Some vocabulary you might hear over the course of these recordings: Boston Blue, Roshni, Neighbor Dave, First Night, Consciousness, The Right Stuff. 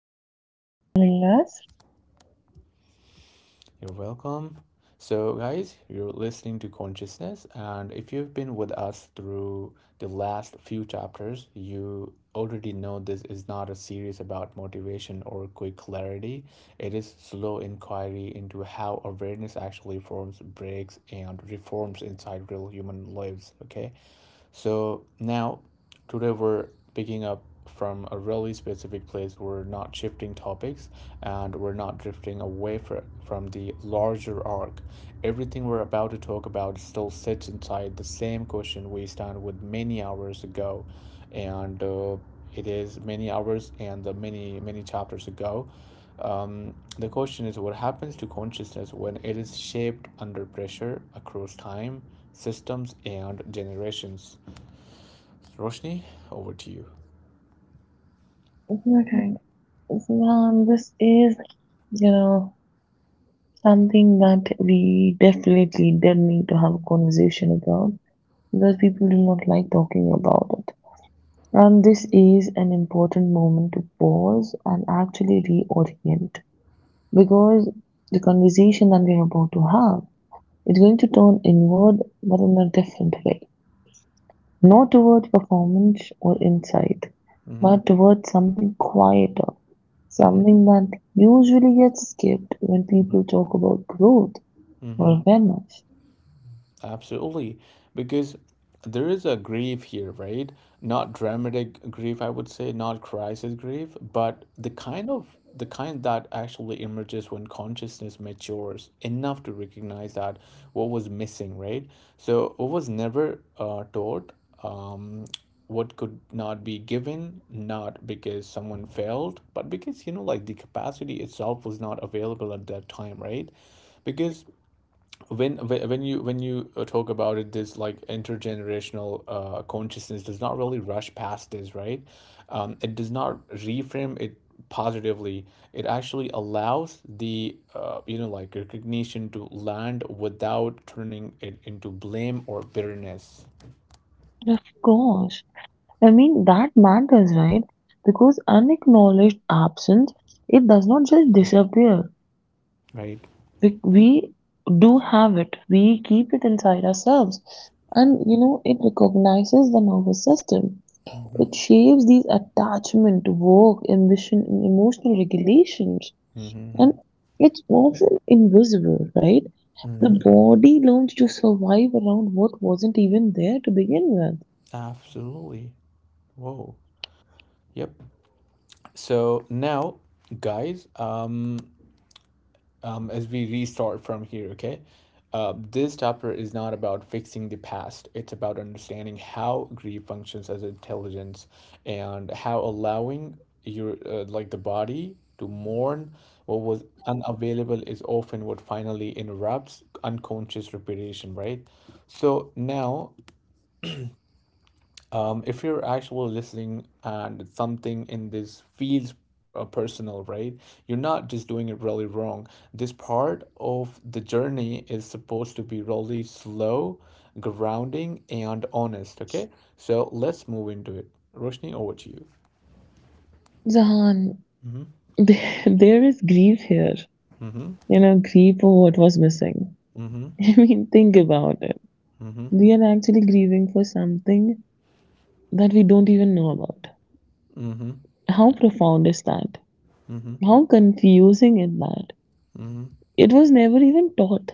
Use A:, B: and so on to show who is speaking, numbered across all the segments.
A: Thank you so much for having us.
B: You're welcome. So, guys, you're listening to Consciousness, and if you've been with us through the last few chapters, you already know this is not a series about motivation or quick clarity. It is slow inquiry into how awareness actually forms, breaks, and reforms inside real human lives, okay? So now, today we're picking up from a really specific place. We're not shifting topics and we're not drifting away from the larger arc. Everything we're about to talk about still sits inside the same question we stand with many hours ago. And It is many hours and the many, many chapters ago. The question is what happens to consciousness when it is shaped under pressure across time, systems, and generations? Roshni, over to you.
A: Okay. So this is, you know, something that we definitely did need to have a conversation about because people do not like talking about it. And this is an important moment to pause and actually reorient because the conversation that we're about to have is going to turn inward but in a different way. Not towards performance or insight,
B: Mm-hmm.
A: but towards something quieter,
B: Mm-hmm.
A: something that usually gets skipped when people talk about growth
B: Mm-hmm.
A: or awareness.
B: Absolutely, because there is a grief here, right? Not dramatic grief, I would say, not crisis grief, but the kind that actually emerges when consciousness matures enough to recognize that what was missing, right? So what was never taught, um, what could not be given, not because someone failed, but because like the capacity itself was not available at that time, right? Because when you talk about it, this, like, intergenerational consciousness does not really rush past this, right? It does not reframe it positively. It actually allows the like recognition to land without turning it into blame or bitterness.
A: And of course, I mean that matters, right? Because unacknowledged absence, it does not just disappear.
B: Right.
A: We do have it. We keep it inside ourselves, and it recognizes the nervous system.
B: Mm-hmm.
A: It shapes these attachment, work, ambition, and emotional regulations.
B: Mm-hmm.
A: And it's often invisible, right? The
B: Mm-hmm.
A: body learns to survive around what wasn't even there to begin
B: Absolutely. Whoa. Yep. So now, guys, as we restart from here, okay? This chapter is not about fixing the past. It's about understanding how grief functions as intelligence and how allowing your like the body to mourn what was unavailable is often what finally interrupts unconscious reparation, right? So now, if you're actually listening and something in this feels personal, right? You're not just doing it really wrong. This part of the journey is supposed to be really slow, grounding, and honest, okay? So let's move into it. Roshni, over to you.
A: with. Zahan, there is grief here.
B: Mm-hmm.
A: You know, grief for what was missing.
B: Mm-hmm.
A: I mean, think about it.
B: Mm-hmm.
A: We are actually grieving for something that we don't even know about.
B: Mm-hmm.
A: How profound is that?
B: Mm-hmm.
A: How confusing is that?
B: Mm-hmm.
A: It was never even taught.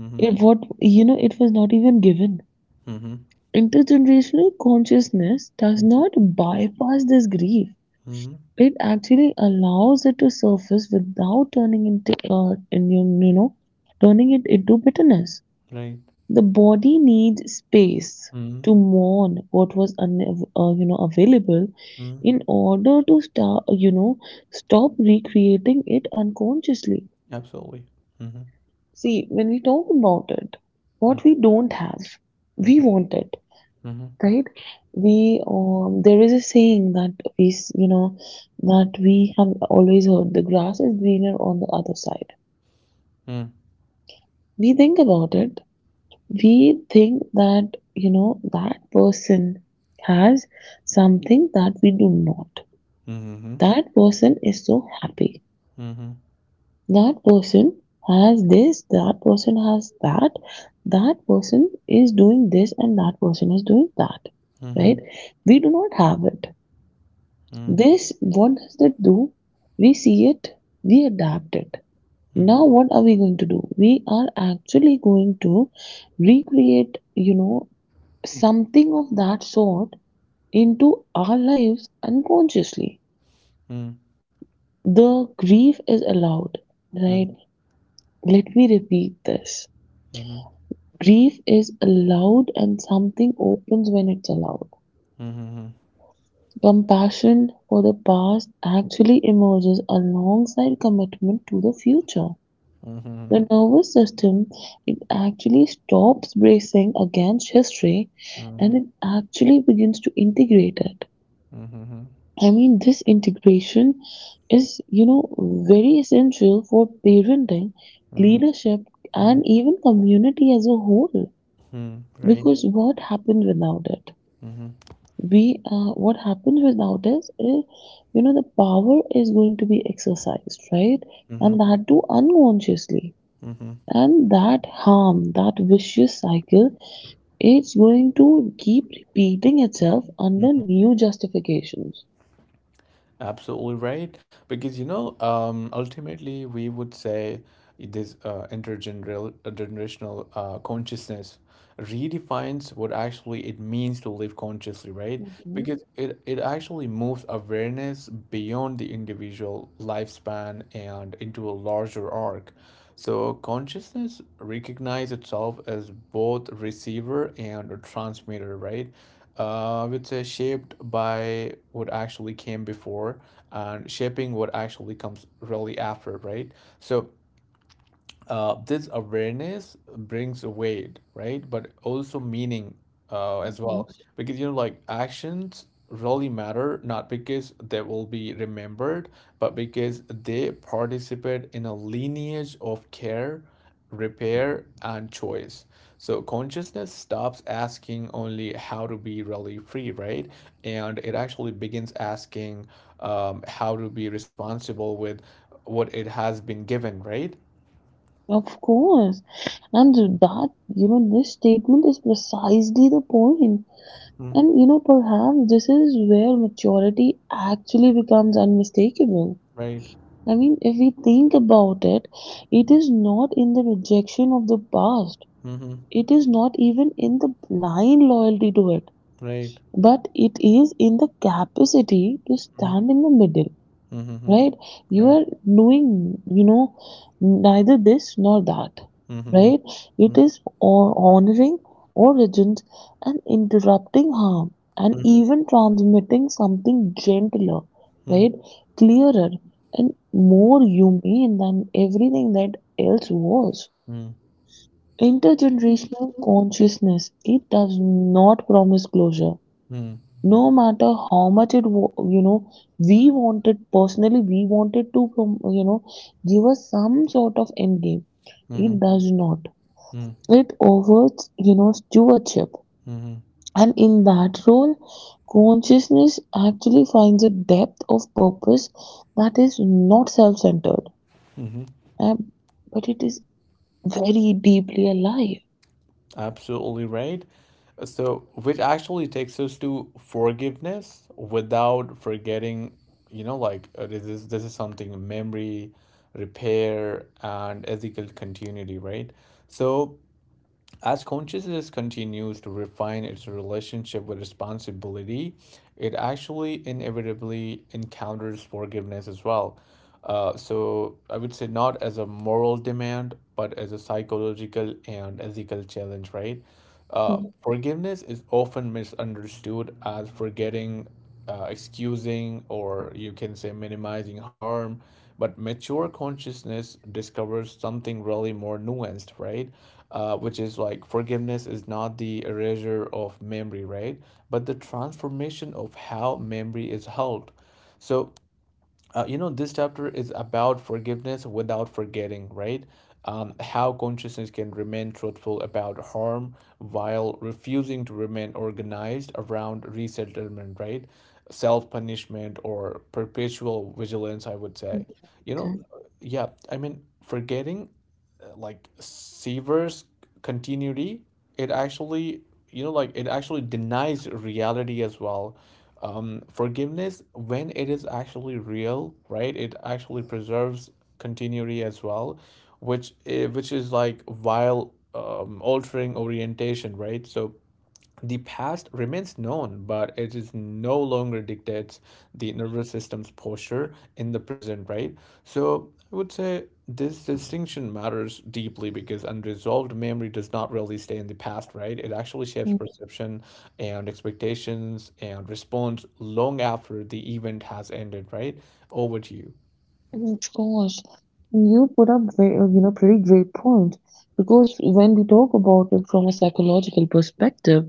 B: Mm-hmm.
A: It what you know, it was not even given.
B: Mm-hmm.
A: Intergenerational consciousness does
B: Mm-hmm.
A: not bypass this grief.
B: Mm-hmm.
A: It actually allows it to surface without turning into in, you know, turning it into bitterness.
B: Right.
A: The body needs space
B: Mm-hmm.
A: to mourn what was available in
B: Mm-hmm.
A: order to start you know stop recreating it unconsciously.
B: Absolutely. Mm-hmm.
A: See, when we talk about it, what we don't have, we
B: Mm-hmm.
A: want it,
B: Mm-hmm.
A: right? we There is a saying that we s- you know that we have always heard: the grass is greener on the other side.
B: Mm-hmm.
A: We think about it. We think that, you know, that person has something that we do not,
B: Mm-hmm.
A: that person is so happy,
B: Mhm.
A: that person has this, that person has that, that person is doing this, and that person is doing that, right?
B: Mhm.
A: We do not have it.
B: Hmm.
A: This, what does that do? We see it, we adapt it.
B: Hmm.
A: Now what are we going to do? We are actually going to recreate, you know, something of that sort into our lives unconsciously.
B: Hmm.
A: The grief is allowed, right? Let me repeat this.
B: Mm.
A: Grief is allowed, and something opens when it's allowed.
B: Mhm.
A: Compassion for the past actually emerges alongside commitment to the future.
B: Mhm. Mhm.
A: The nervous system, it actually stops bracing against history and
B: Mhm.
A: it actually begins to integrate it.
B: Mhm.
A: I mean, this integration is, very essential for parenting,
B: Mhm.
A: leadership, and
B: Mhm.
A: even community as a whole.
B: Mhm. Right.
A: Because what happens without it?
B: Hmm.
A: What happens without this is, the power is going to be exercised, right? And
B: Mhm.
A: that too unconsciously.
B: Mhm.
A: And that harm, that vicious cycle, it's going to keep repeating itself under
B: Mhm.
A: new justifications.
B: Absolutely right. Because ultimately, we would say this intergenerational consciousness redefines what actually it means to live consciously, right?
A: Mhm,
B: Because it actually moves awareness beyond the individual lifespan and into a larger arc. So consciousness recognize itself as both receiver and transmitter, right? I would say shaped by what actually came before and shaping what actually comes really after, right? So, this awareness brings weight, right? But also meaning as
A: mhm.
B: well. Because, like actions really matter, not because they will be remembered, but because they participate in a lineage of care, repair, and choice. So consciousness stops asking only how to be really free, right? And it actually begins asking how to be responsible with what it has been given, right?
A: Of course. And this statement is precisely the point. And you know, perhaps this is where maturity actually becomes unmistakable.
B: Right.
A: I mean, if we think about it, it is not in the rejection of the past.
B: Mhm.
A: It is not even in the blind loyalty to it,
B: Right.
A: but it is in the capacity to
B: Mhm.
A: stand in the middle,
B: Mhm.
A: right? You
B: Right.
A: are doing, you know, neither this nor that,
B: Mhm.
A: right? It is or honoring origins and interrupting harm and
B: Mhm.
A: even transmitting something gentler,
B: Mhm.
A: right? Clearer and more humane than everything that else was.
B: Mhm.
A: Intergenerational consciousness, it does not promise closure,
B: Mhm.
A: no matter how much it we wanted personally, we wanted to give us some sort of end game. It
B: Mhm.
A: does not.
B: Mhm.
A: It offers, you know, stewardship,
B: Mhm.
A: and in that role consciousness actually finds a depth of purpose that is not self-centered,
B: Mhm.
A: um, but it is very deeply alive.
B: Absolutely right. So, which actually takes us to forgiveness without forgetting, like this is something memory, repair, and ethical continuity, right? So, as consciousness continues to refine its relationship with responsibility, it actually inevitably encounters forgiveness as well. So I would say not as a moral demand, but as a psychological and ethical challenge, right?
A: Ừm.
B: Forgiveness is often misunderstood as forgetting, excusing, or you can say minimizing harm, but mature consciousness discovers something really more nuanced, right? Which is, like, forgiveness is not the erasure of memory, right, but the transformation of how memory is held. So, this chapter is about forgiveness without forgetting, right? How consciousness can remain truthful about harm while refusing to remain organized around resettlement, right, self-punishment or perpetual vigilance, I would
A: Mm,
B: say. you
A: okay.
B: know yeah, I mean forgetting, like, severs continuity. It actually you know like it actually denies reality as well. Forgiveness, when it is actually real, right, it actually preserves continuity as well, which is like, while altering orientation, right? So the past remains known, but it is no longer dictates the nervous system's posture in the present, right? So I would say this distinction matters deeply because unresolved memory does not really stay in the past, right? It actually shapes
A: Mm,
B: perception and expectations and response long after the event has ended, right? Over to you.
A: of course. You put up very, pretty great point because when we talk about it from a psychological perspective,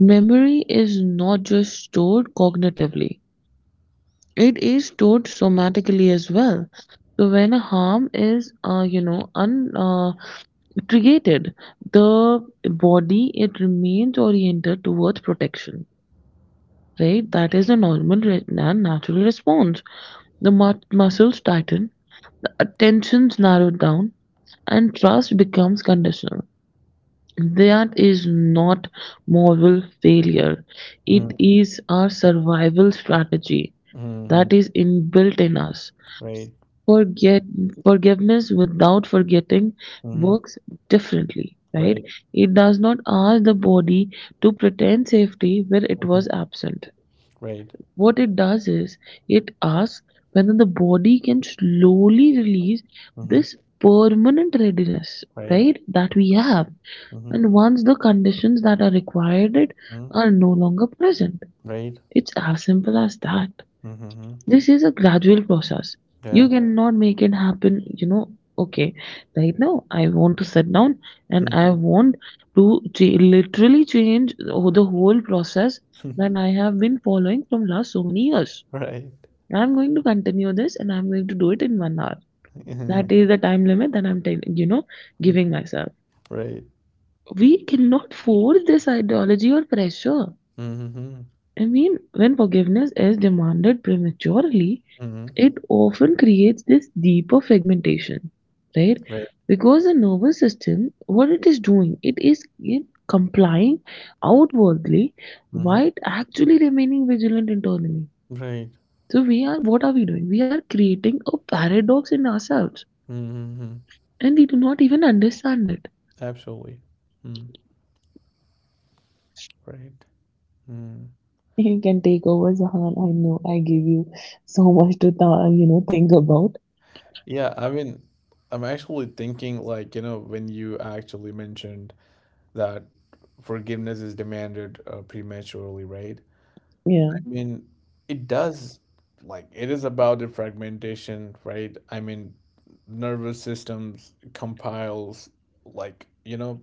A: memory is not just stored cognitively, it is stored somatically as well. So when a harm is, created, the body, it remains oriented towards protection. Right, that is a normal and natural response. The muscles tighten, attentions narrow down, and trust becomes conditional. That is not moral failure. It is our survival strategy
B: Mm-hmm.
A: that is inbuilt in us.
B: Right.
A: Forget Forgiveness without forgetting
B: Mm-hmm.
A: works differently, right?
B: Right.
A: It does not ask the body to pretend safety where it was
B: Mm-hmm.
A: absent.
B: Right.
A: What it does is, it asks whether the body can slowly release
B: Mm-hmm.
A: this permanent readiness,
B: Right.
A: right, that we have.
B: Mm-hmm.
A: And once the conditions that are required it are no longer present.
B: Right.
A: It's as simple as that.
B: Mm-hmm.
A: This is a gradual process. You
B: Yeah.
A: cannot make it happen, okay, right now I want to sit down and I want to literally change the whole process that I have been following from last so many years.
B: Right.
A: I'm going to continue this and I'm going to do it in 1 hour.
B: Yeah.
A: That is the time limit that I'm giving myself.
B: Right.
A: We cannot force this ideology or pressure.
B: Mm-hmm.
A: I mean, when forgiveness is demanded prematurely,
B: Mm-hmm.
A: it often creates this deeper fragmentation, right?
B: Right.
A: Because the nervous system, what it is doing, it is in complying outwardly
B: Mm-hmm.
A: while actually remaining vigilant internally.
B: Right.
A: So we are, what are we doing? We are creating a paradox in ourselves,
B: Mm-hmm.
A: and we do not even understand it.
B: Absolutely. Mm. Right. Mm.
A: You can take over, Zahan. I know I gave you so much to think about.
B: Yeah, I mean, I'm actually thinking like, when you actually mentioned that forgiveness is demanded prematurely, right?
A: Yeah.
B: I mean, it does, like, it is about the fragmentation, right? I mean, nervous systems compiles like,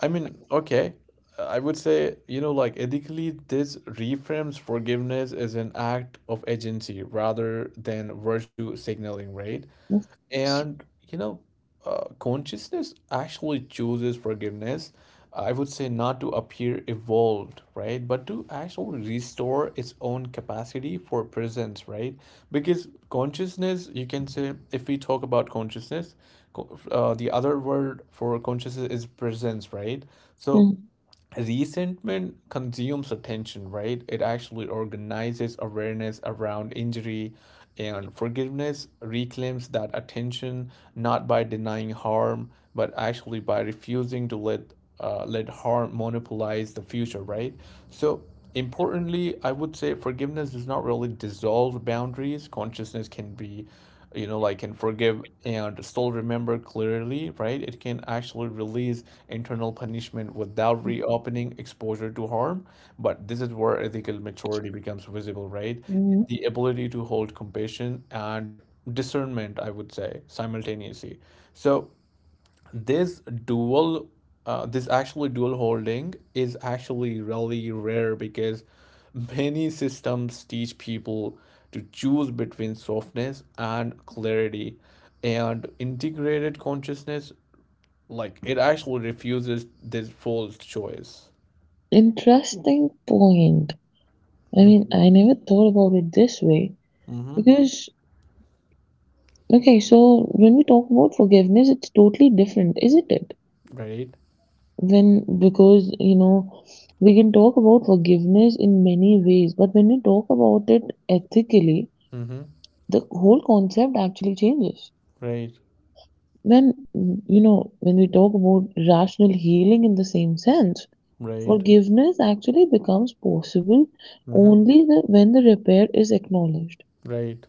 B: I mean, okay. I would say, like, ethically, this reframes forgiveness as an act of agency rather than virtue signaling, right?
A: d'information.
B: And consciousness actually chooses forgiveness. I would say not to appear evolved, right, but to actually restore its own capacity for presence, right? Because consciousness, you can say, if we talk about consciousness, the other word for consciousness is presence, right? So
A: Mhm,
B: resentment consumes attention, right? It actually organizes awareness around injury, and forgiveness reclaims that attention not by denying harm, but actually by refusing to let harm monopolize the future, right? So importantly, I would say forgiveness does not really dissolve boundaries. Consciousness can be you know like can forgive and still remember clearly, right? It can actually release internal punishment without
A: mhm,
B: reopening exposure to harm, but this is where ethical maturity becomes visible, right,
A: mm.
B: the ability to hold compassion and discernment, I would say, simultaneously. So this dual this actually dual holding is actually really rare because many systems teach people to choose between softness and clarity, and integrated consciousness, like, it actually refuses this false choice.
A: Interesting point. I mean, I never thought about it this way
B: Mm-hmm.
A: because, okay, so when we talk about forgiveness, it's totally different, isn't it?
B: Right.
A: When, because, you know, we can talk about forgiveness in many ways, but when we talk about it ethically,
B: Mm-hmm.
A: the whole concept actually changes.
B: Right.
A: When, when we talk about rational healing in the same sense,
B: Right.
A: forgiveness actually becomes possible
B: Mm-hmm.
A: only when the repair is acknowledged.
B: Right.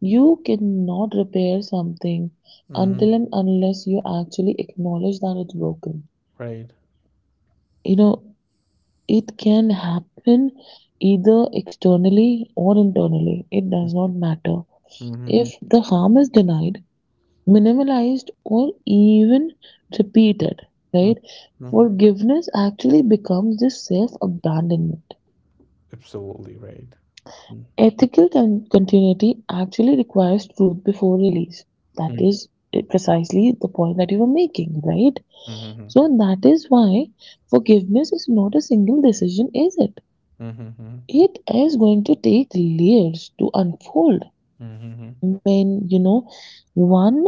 A: You cannot repair something
B: Mm-hmm.
A: until and unless you actually acknowledge that it's broken,
B: Right.
A: you know. It can happen either externally or internally, it does
B: Mm-hmm.
A: not matter.
B: Mm-hmm.
A: If the harm is denied, minimalized, or even repeated, right?
B: Mm-hmm.
A: Forgiveness actually becomes this self abandonment.
B: Absolutely right.
A: Ethical continuity actually requires truth before release. That
B: Mm.
A: is, precisely the point that you were making, right?
B: Mhm, mhm,
A: So that is why forgiveness is not a single decision, is it?
B: mhm,
A: It is going to take layers to unfold.
B: mhm,
A: Mean, you know, one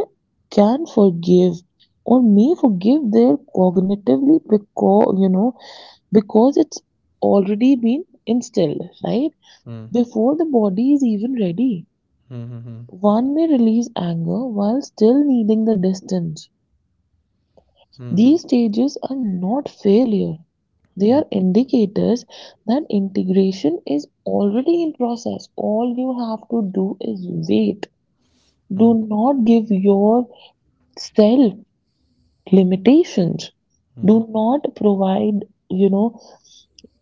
A: can forgive or may forgive their cognitively, because, because it's already been instilled, right?
B: mhm,
A: Before the body is even ready.
B: mhm, mhm, mhm,
A: One may release anger while still needing the distance.
B: mhm,
A: These stages are not failure. They are indicators that integration is already in process. All you have to do is wait. Do not give your self-limitations,
B: mhm,
A: do not provide, you know,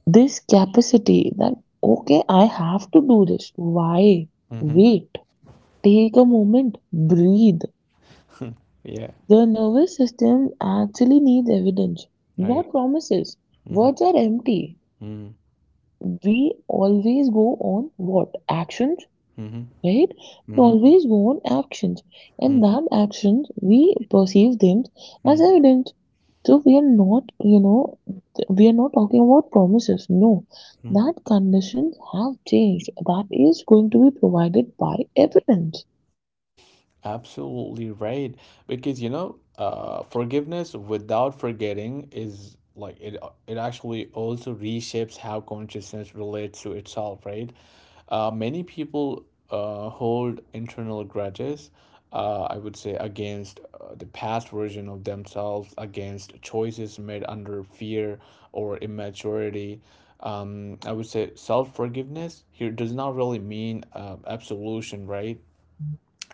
A: this capacity that, okay, I have to do this. Why? Wait, take a moment, breathe.
B: mhm, mhm. Yeah,
A: The nervous system actually needs evidence, not
B: right.
A: promises.
B: Mhm,
A: Words are empty.
B: mhm,
A: We always go on what? Actions,
B: mhm,
A: right? We
B: mhm,
A: always want actions,
B: mhm,
A: and that actions we perceive them as
B: mhm,
A: evidence. So we are not, you know, we are not talking about promises. No,
B: mhm.
A: that conditions have changed. That is going to be provided by evidence.
B: Absolutely right. Because forgiveness without forgetting is like it actually also reshapes how consciousness relates to itself, right? Many people hold internal grudges, I would say, against the past version of themselves, against choices made under fear or immaturity. I would say self forgiveness here does not really mean absolution, right?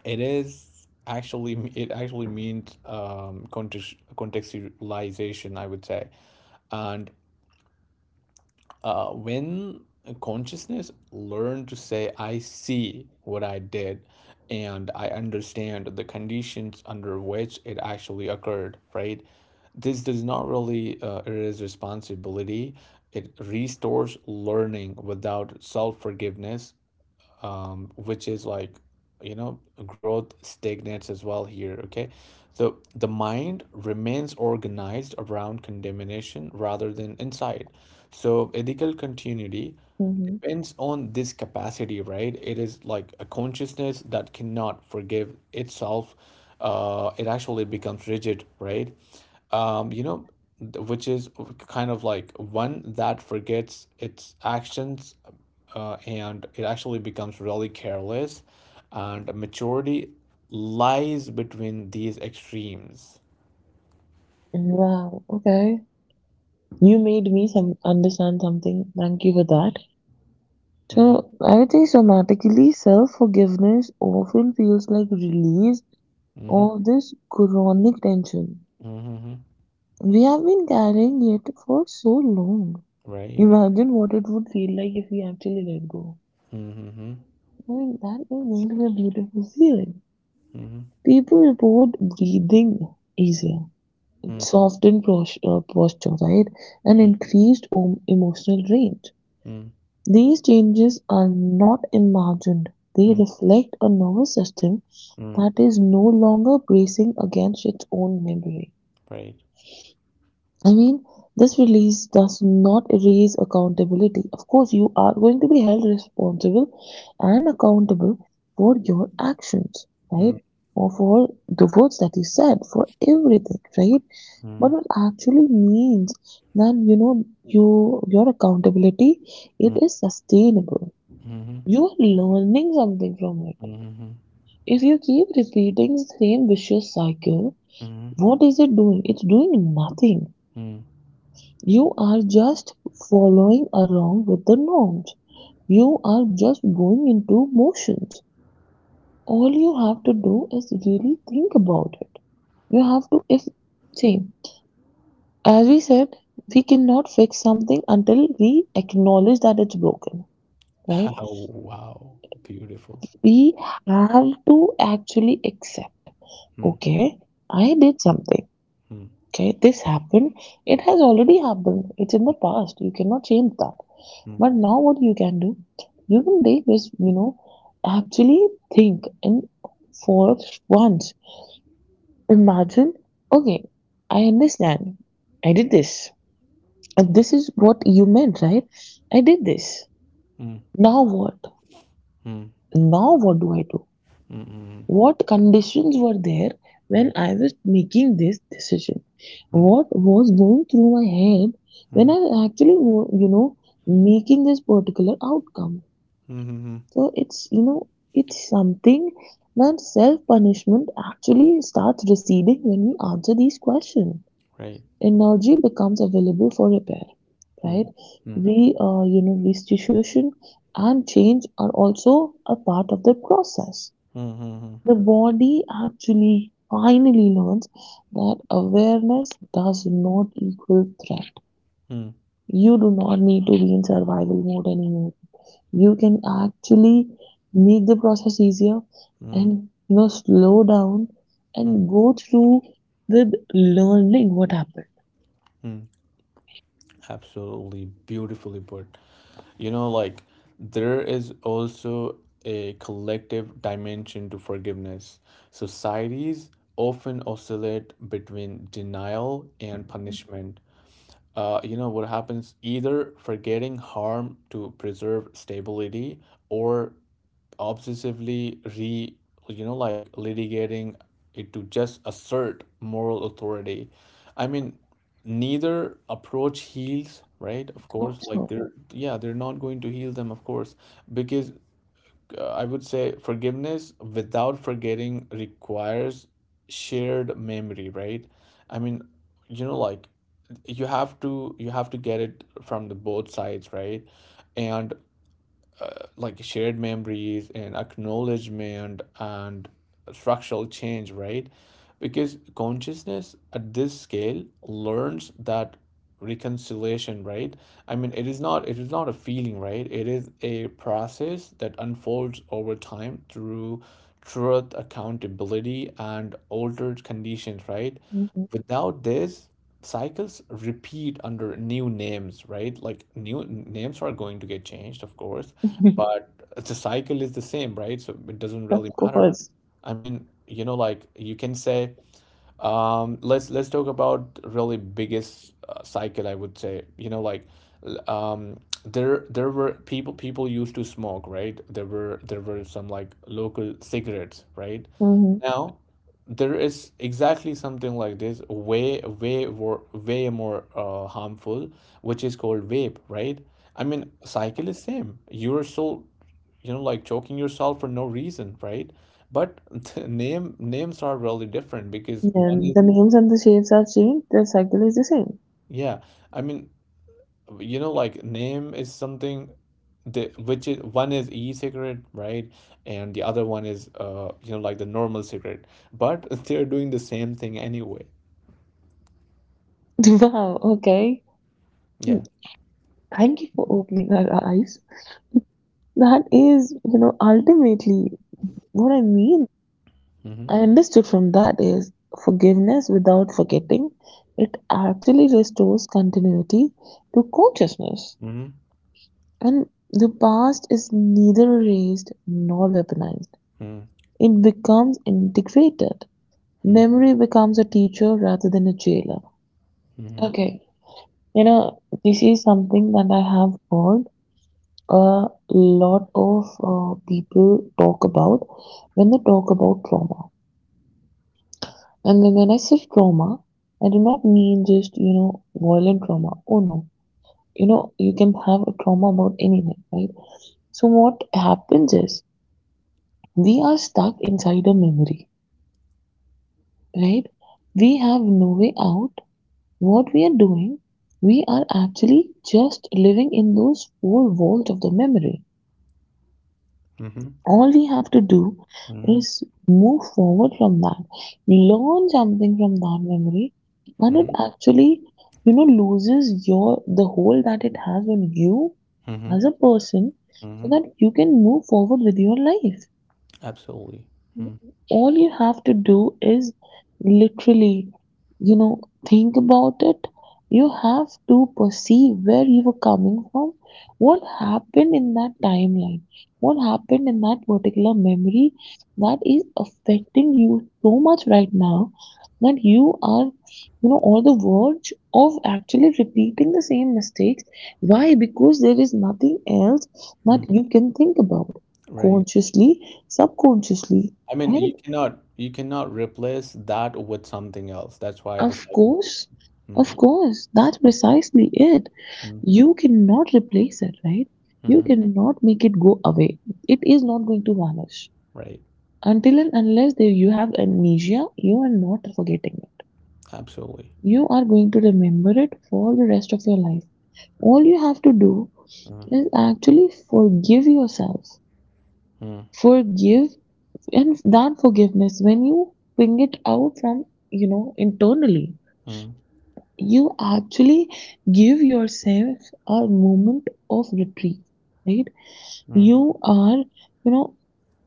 B: It actually means, context, contextualization, I would say. And when consciousness learned to say, I see what I did and I understand the conditions under which it actually occurred, right? This does not really erase responsibility. It restores learning without self forgiveness, which is like, you know growth stagnates as well here, okay? So the mind remains organized around condemnation rather than inside. So ethical continuity
A: Mm-hmm.
B: depends on this capacity, right? It is like a consciousness that cannot forgive itself, it actually becomes rigid, right? um you know which is kind of like one that forgets its actions, and it actually becomes really careless, and maturity lies between these extremes.
A: Wow, okay. You made me some understand something. Thank you for that.
B: Mm-hmm.
A: So I would say somatically, self-forgiveness often feels like release
B: Mm-hmm.
A: of this chronic tension.
B: Mm-hmm.
A: We have been carrying it for so long.
B: Right.
A: Imagine what it would feel like if we actually let go.
B: Mm-hmm.
A: I mean, that is really a beautiful feeling.
B: Mm-hmm.
A: People report breathing easier,
B: Mm-hmm.
A: softened posture, right, and increased emotional range.
B: Mm-hmm.
A: These changes are not imagined. They reflect a nervous system
B: Mm-hmm.
A: that is no longer bracing against its own memory.
B: Right.
A: I mean, this release does not erase accountability. Of course, you are going to be held responsible and accountable for your actions, right?
B: Mm-hmm.
A: Or for the words that you said, for everything, right?
B: Mm-hmm.
A: But it actually means that, you know, you, your accountability, it is sustainable. You are learning something from it.
B: Mm-hmm.
A: If you keep repeating the same vicious cycle,
B: Mm-hmm.
A: what is it doing? It's doing nothing. You are just following along with the norms. You are just going into motions. All you have to do is really think about it. You have to, if, see, as we said, we cannot fix something until we acknowledge that it's broken, right?
B: Wow. Beautiful.
A: We have to actually accept,
B: Mm.
A: okay, I did something,
B: Mm.
A: okay, this happened. It has already happened. It's in the past. You cannot change that.
B: Mm.
A: But now, what you can do, you can take this, you know, actually think and for once. Imagine, okay, I understand. I did this. And this is what you meant, right? I did this.
B: Mm.
A: Now what?
B: Mm.
A: Now what do I do?
B: Mm. Mm.
A: What conditions were there when
B: Mm.
A: I was making this decision?
B: Mm. Mm.
A: What was going through my head
B: Mm.
A: when
B: Mm.
A: I actually, you know, making this particular outcome?
B: Mm.
A: So it's something that self-punishment actually starts receding when we answer these questions.
B: Right.
A: Energy becomes available for repair,
B: Mm. Mm.
A: right?
B: Mm.
A: Restitution and change are also a part of the process.
B: Mm. Mm.
A: The body actually finally learns that awareness does not equal threat.
B: Mm,
A: You do not need to be in survival mode anymore. You can actually make the process easier
B: mm,
A: and slow down
B: mm,
A: and go through with learning what happened.
B: mm. Absolutely beautifully put. Like, there is also a collective dimension to forgiveness. Societies often oscillate between denial and punishment. What happens, either forgetting harm to preserve stability or obsessively re you know like litigating it to just assert moral authority. I mean, neither approach heals, right? Of
A: So,
B: course, like,
A: so
B: they're, yeah, they're not going to heal them, of course. Because, I would say, forgiveness without forgetting requires shared memory, right? I mean, like, you have to get it from the both sides, right? And, like, shared memories and acknowledgement and structural change, right? Because consciousness at this scale learns that reconciliation, right, I mean, it is not a feeling, right? It is a process that unfolds over time through truth, accountability, and altered conditions, right?
A: Mhm.
B: Without this, cycles repeat under new names, right? Like, new names are going to get changed, of course, but the cycle is the same, right? So it doesn't
A: Of
B: really matter.
A: course.
B: I mean, like, you can say, let's talk about really biggest cycle. I would say, like, l- um, there were people used to smoke, right? There were some like local cigarettes, right?
A: Hmm.
B: Now, there is exactly something like this, way, way, more, way more harmful, which is called vape, right? I mean, cycle is same. You're so, like, choking yourself for no reason, right? But the names are really different because one
A: And
B: is
A: the names and the shapes are changed, the cycle is the same.
B: yeah. I mean, like, name is something the which is one is e-cigarette, right? And the other one is like the normal cigarette. But they're doing the same thing anyway.
A: Wow, okay.
B: Yeah.
A: Thank you for opening our eyes. That is, ultimately what I mean.
B: Mhm.
A: I understood from that is forgiveness without forgetting. It actually restores continuity to consciousness.
B: Mhm.
A: And the past is neither erased nor weaponized.
B: Mhm.
A: It becomes integrated.
B: Mhm.
A: Memory becomes a teacher rather than a jailer.
B: Mhm.
A: Okay, this is something that I have heard a lot of people talk about when they talk about trauma. And when I say trauma, I do not mean just, violent trauma. Oh no. You know, you can have a trauma about anything, right? So what happens is we are stuck inside a memory, right? We have no way out. What we are doing, we are actually just living in those four walls of the memory.
B: Mhm.
A: All we have to do
B: Mhm.
A: is move forward from that, learn something from that memory, and it
B: Mhm.
A: actually, loses your, the hold that it has on you
B: Mhm.
A: as a person, so
B: Mhm.
A: that you can move forward with your life.
B: Absolutely. Mm.
A: All you have to do is literally, you know, think about it. You have to perceive where you were coming from, what happened in that timeline, what happened in that particular memory that is affecting you so much right now that you are, on the verge of actually repeating the same mistakes. Why? Because there is nothing else that
B: Mm.
A: you can think about,
B: Right.
A: consciously, subconsciously.
B: I mean,
A: Right?
B: you cannot replace that with something else. That's why the
A: Of
B: cycle.
A: course,
B: Mm.
A: of course, that's precisely it.
B: Mm.
A: You cannot replace it, right? You
B: Mhm.
A: cannot make it go away. It is not going to vanish.
B: Right.
A: Until and unless they, you have amnesia, you are not forgetting it.
B: Absolutely.
A: You are going to remember it for the rest of your life. All you have to do
B: Mm.
A: is actually forgive yourself.
B: Mm.
A: Forgive, and that forgiveness, when you bring it out from, internally,
B: Mm.
A: you actually give yourself a moment of retreat, right?
B: Mm.
A: You are, you know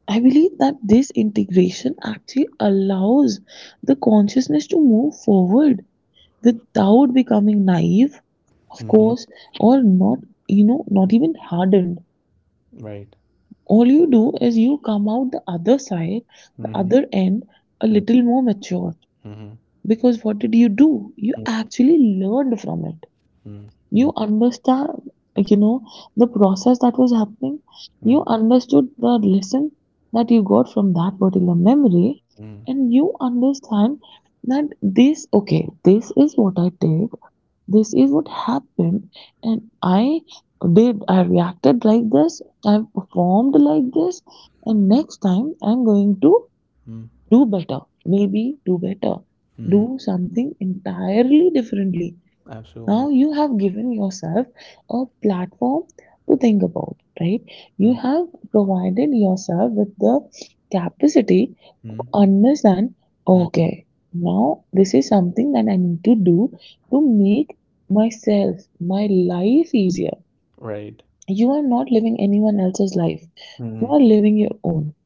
A: I believe that this integration actually allows the consciousness to move forward without becoming naive, of
B: Mhm.
A: course, or not, not even hardened.
B: Right.
A: All you do is you come out the other side, the
B: Mhm.
A: other end, a
B: Mm.
A: little more mature,
B: Mhm.
A: because what did you do? You
B: Mm.
A: actually learned from it.
B: Mm.
A: You
B: Mm.
A: understand you know the process that was happening.
B: Mm.
A: You understood the lesson that you got from that particular memory,
B: Mm.
A: and you understand that this, okay, this is what I did, this is what happened, and I, did I reacted like this, I performed like this, and next time I'm going to
B: Mm.
A: do better, maybe do better,
B: Mhm.
A: do something entirely differently. Now
B: Absolutely.
A: you have given yourself a platform to think about, right?
B: Mm.
A: You have provided yourself with the capacity to
B: Mm.
A: understand,
B: Mm.
A: okay, now this is something that I need to do to make myself, my life easier.
B: Right.
A: You are not living anyone else's life. You
B: Mm.
A: are living your own.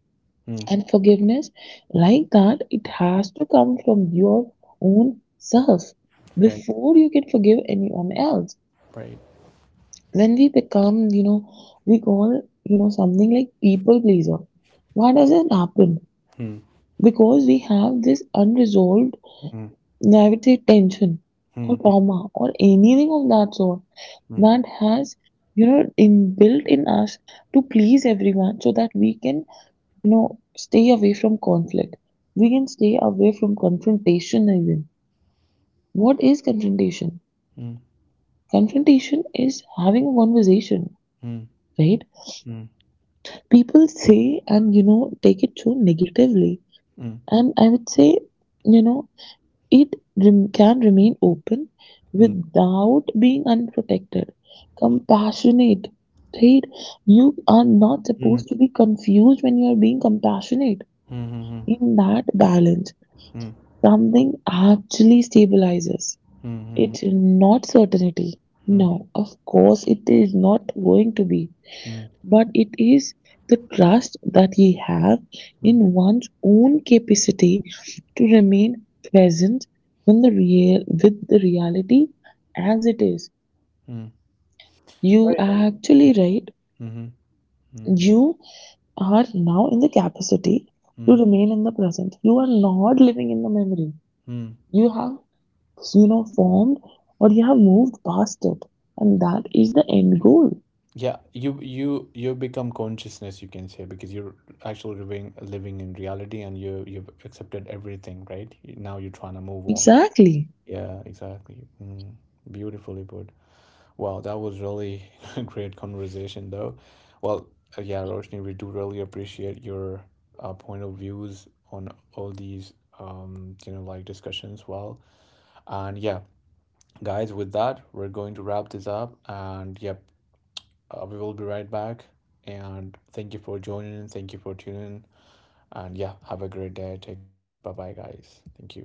B: Mm.
A: And forgiveness, like that, it has to come from your own self
B: Right.
A: before you can forgive anyone else.
B: Right.
A: When we become, we call, something like people pleaser. Why does it happen?
B: Hmm.
A: Because we have this unresolved,
B: Hmm.
A: I would say, tension
B: Hmm.
A: or trauma or anything of that sort
B: Hmm.
A: that has, inbuilt in us to please everyone so that we can, stay away from conflict. We can stay away from confrontation even. What is confrontation?
B: Hmm.
A: Confrontation is having a conversation,
B: Hmm.
A: right?
B: Hmm.
A: People say and take it so negatively,
B: Hmm.
A: and I would say, you know it can remain open
B: Hmm.
A: without being unprotected, compassionate, right? You are not
B: Hmm.
A: supposed to be confused when you are being compassionate.
B: Hmm. Hmm.
A: In that balance
B: Hmm.
A: something actually stabilizes.
B: Hmm.
A: It's not certainty, no, of course it is not going to be,
B: Hmm.
A: but it is the trust that ye have
B: Hmm.
A: in one's own capacity to remain present when the real with the reality as it is.
B: Hmm.
A: You
B: Right.
A: are actually right.
B: Hmm. Hmm.
A: You are now in the capacity to
B: Hmm.
A: remain in the present. You are not living in the memory.
B: Hmm.
A: You have formed or you have moved past it. And that is the end goal.
B: Yeah, you become consciousness, you can say, because you're actually living in reality, and you've accepted everything, right? Now you're trying to move on.
A: Exactly.
B: Yeah, exactly. Mm. Beautifully put. Wow, that was really a great conversation, though. Well, yeah, Roshni, we do really appreciate your point of views on all these, like discussions. Well, and yeah, guys, with that, we're going to wrap this up. And yep, we will be right back. And thank you for joining in. Thank you for tuning in. And yeah, have a great day. Take care. Bye bye, guys. Thank you.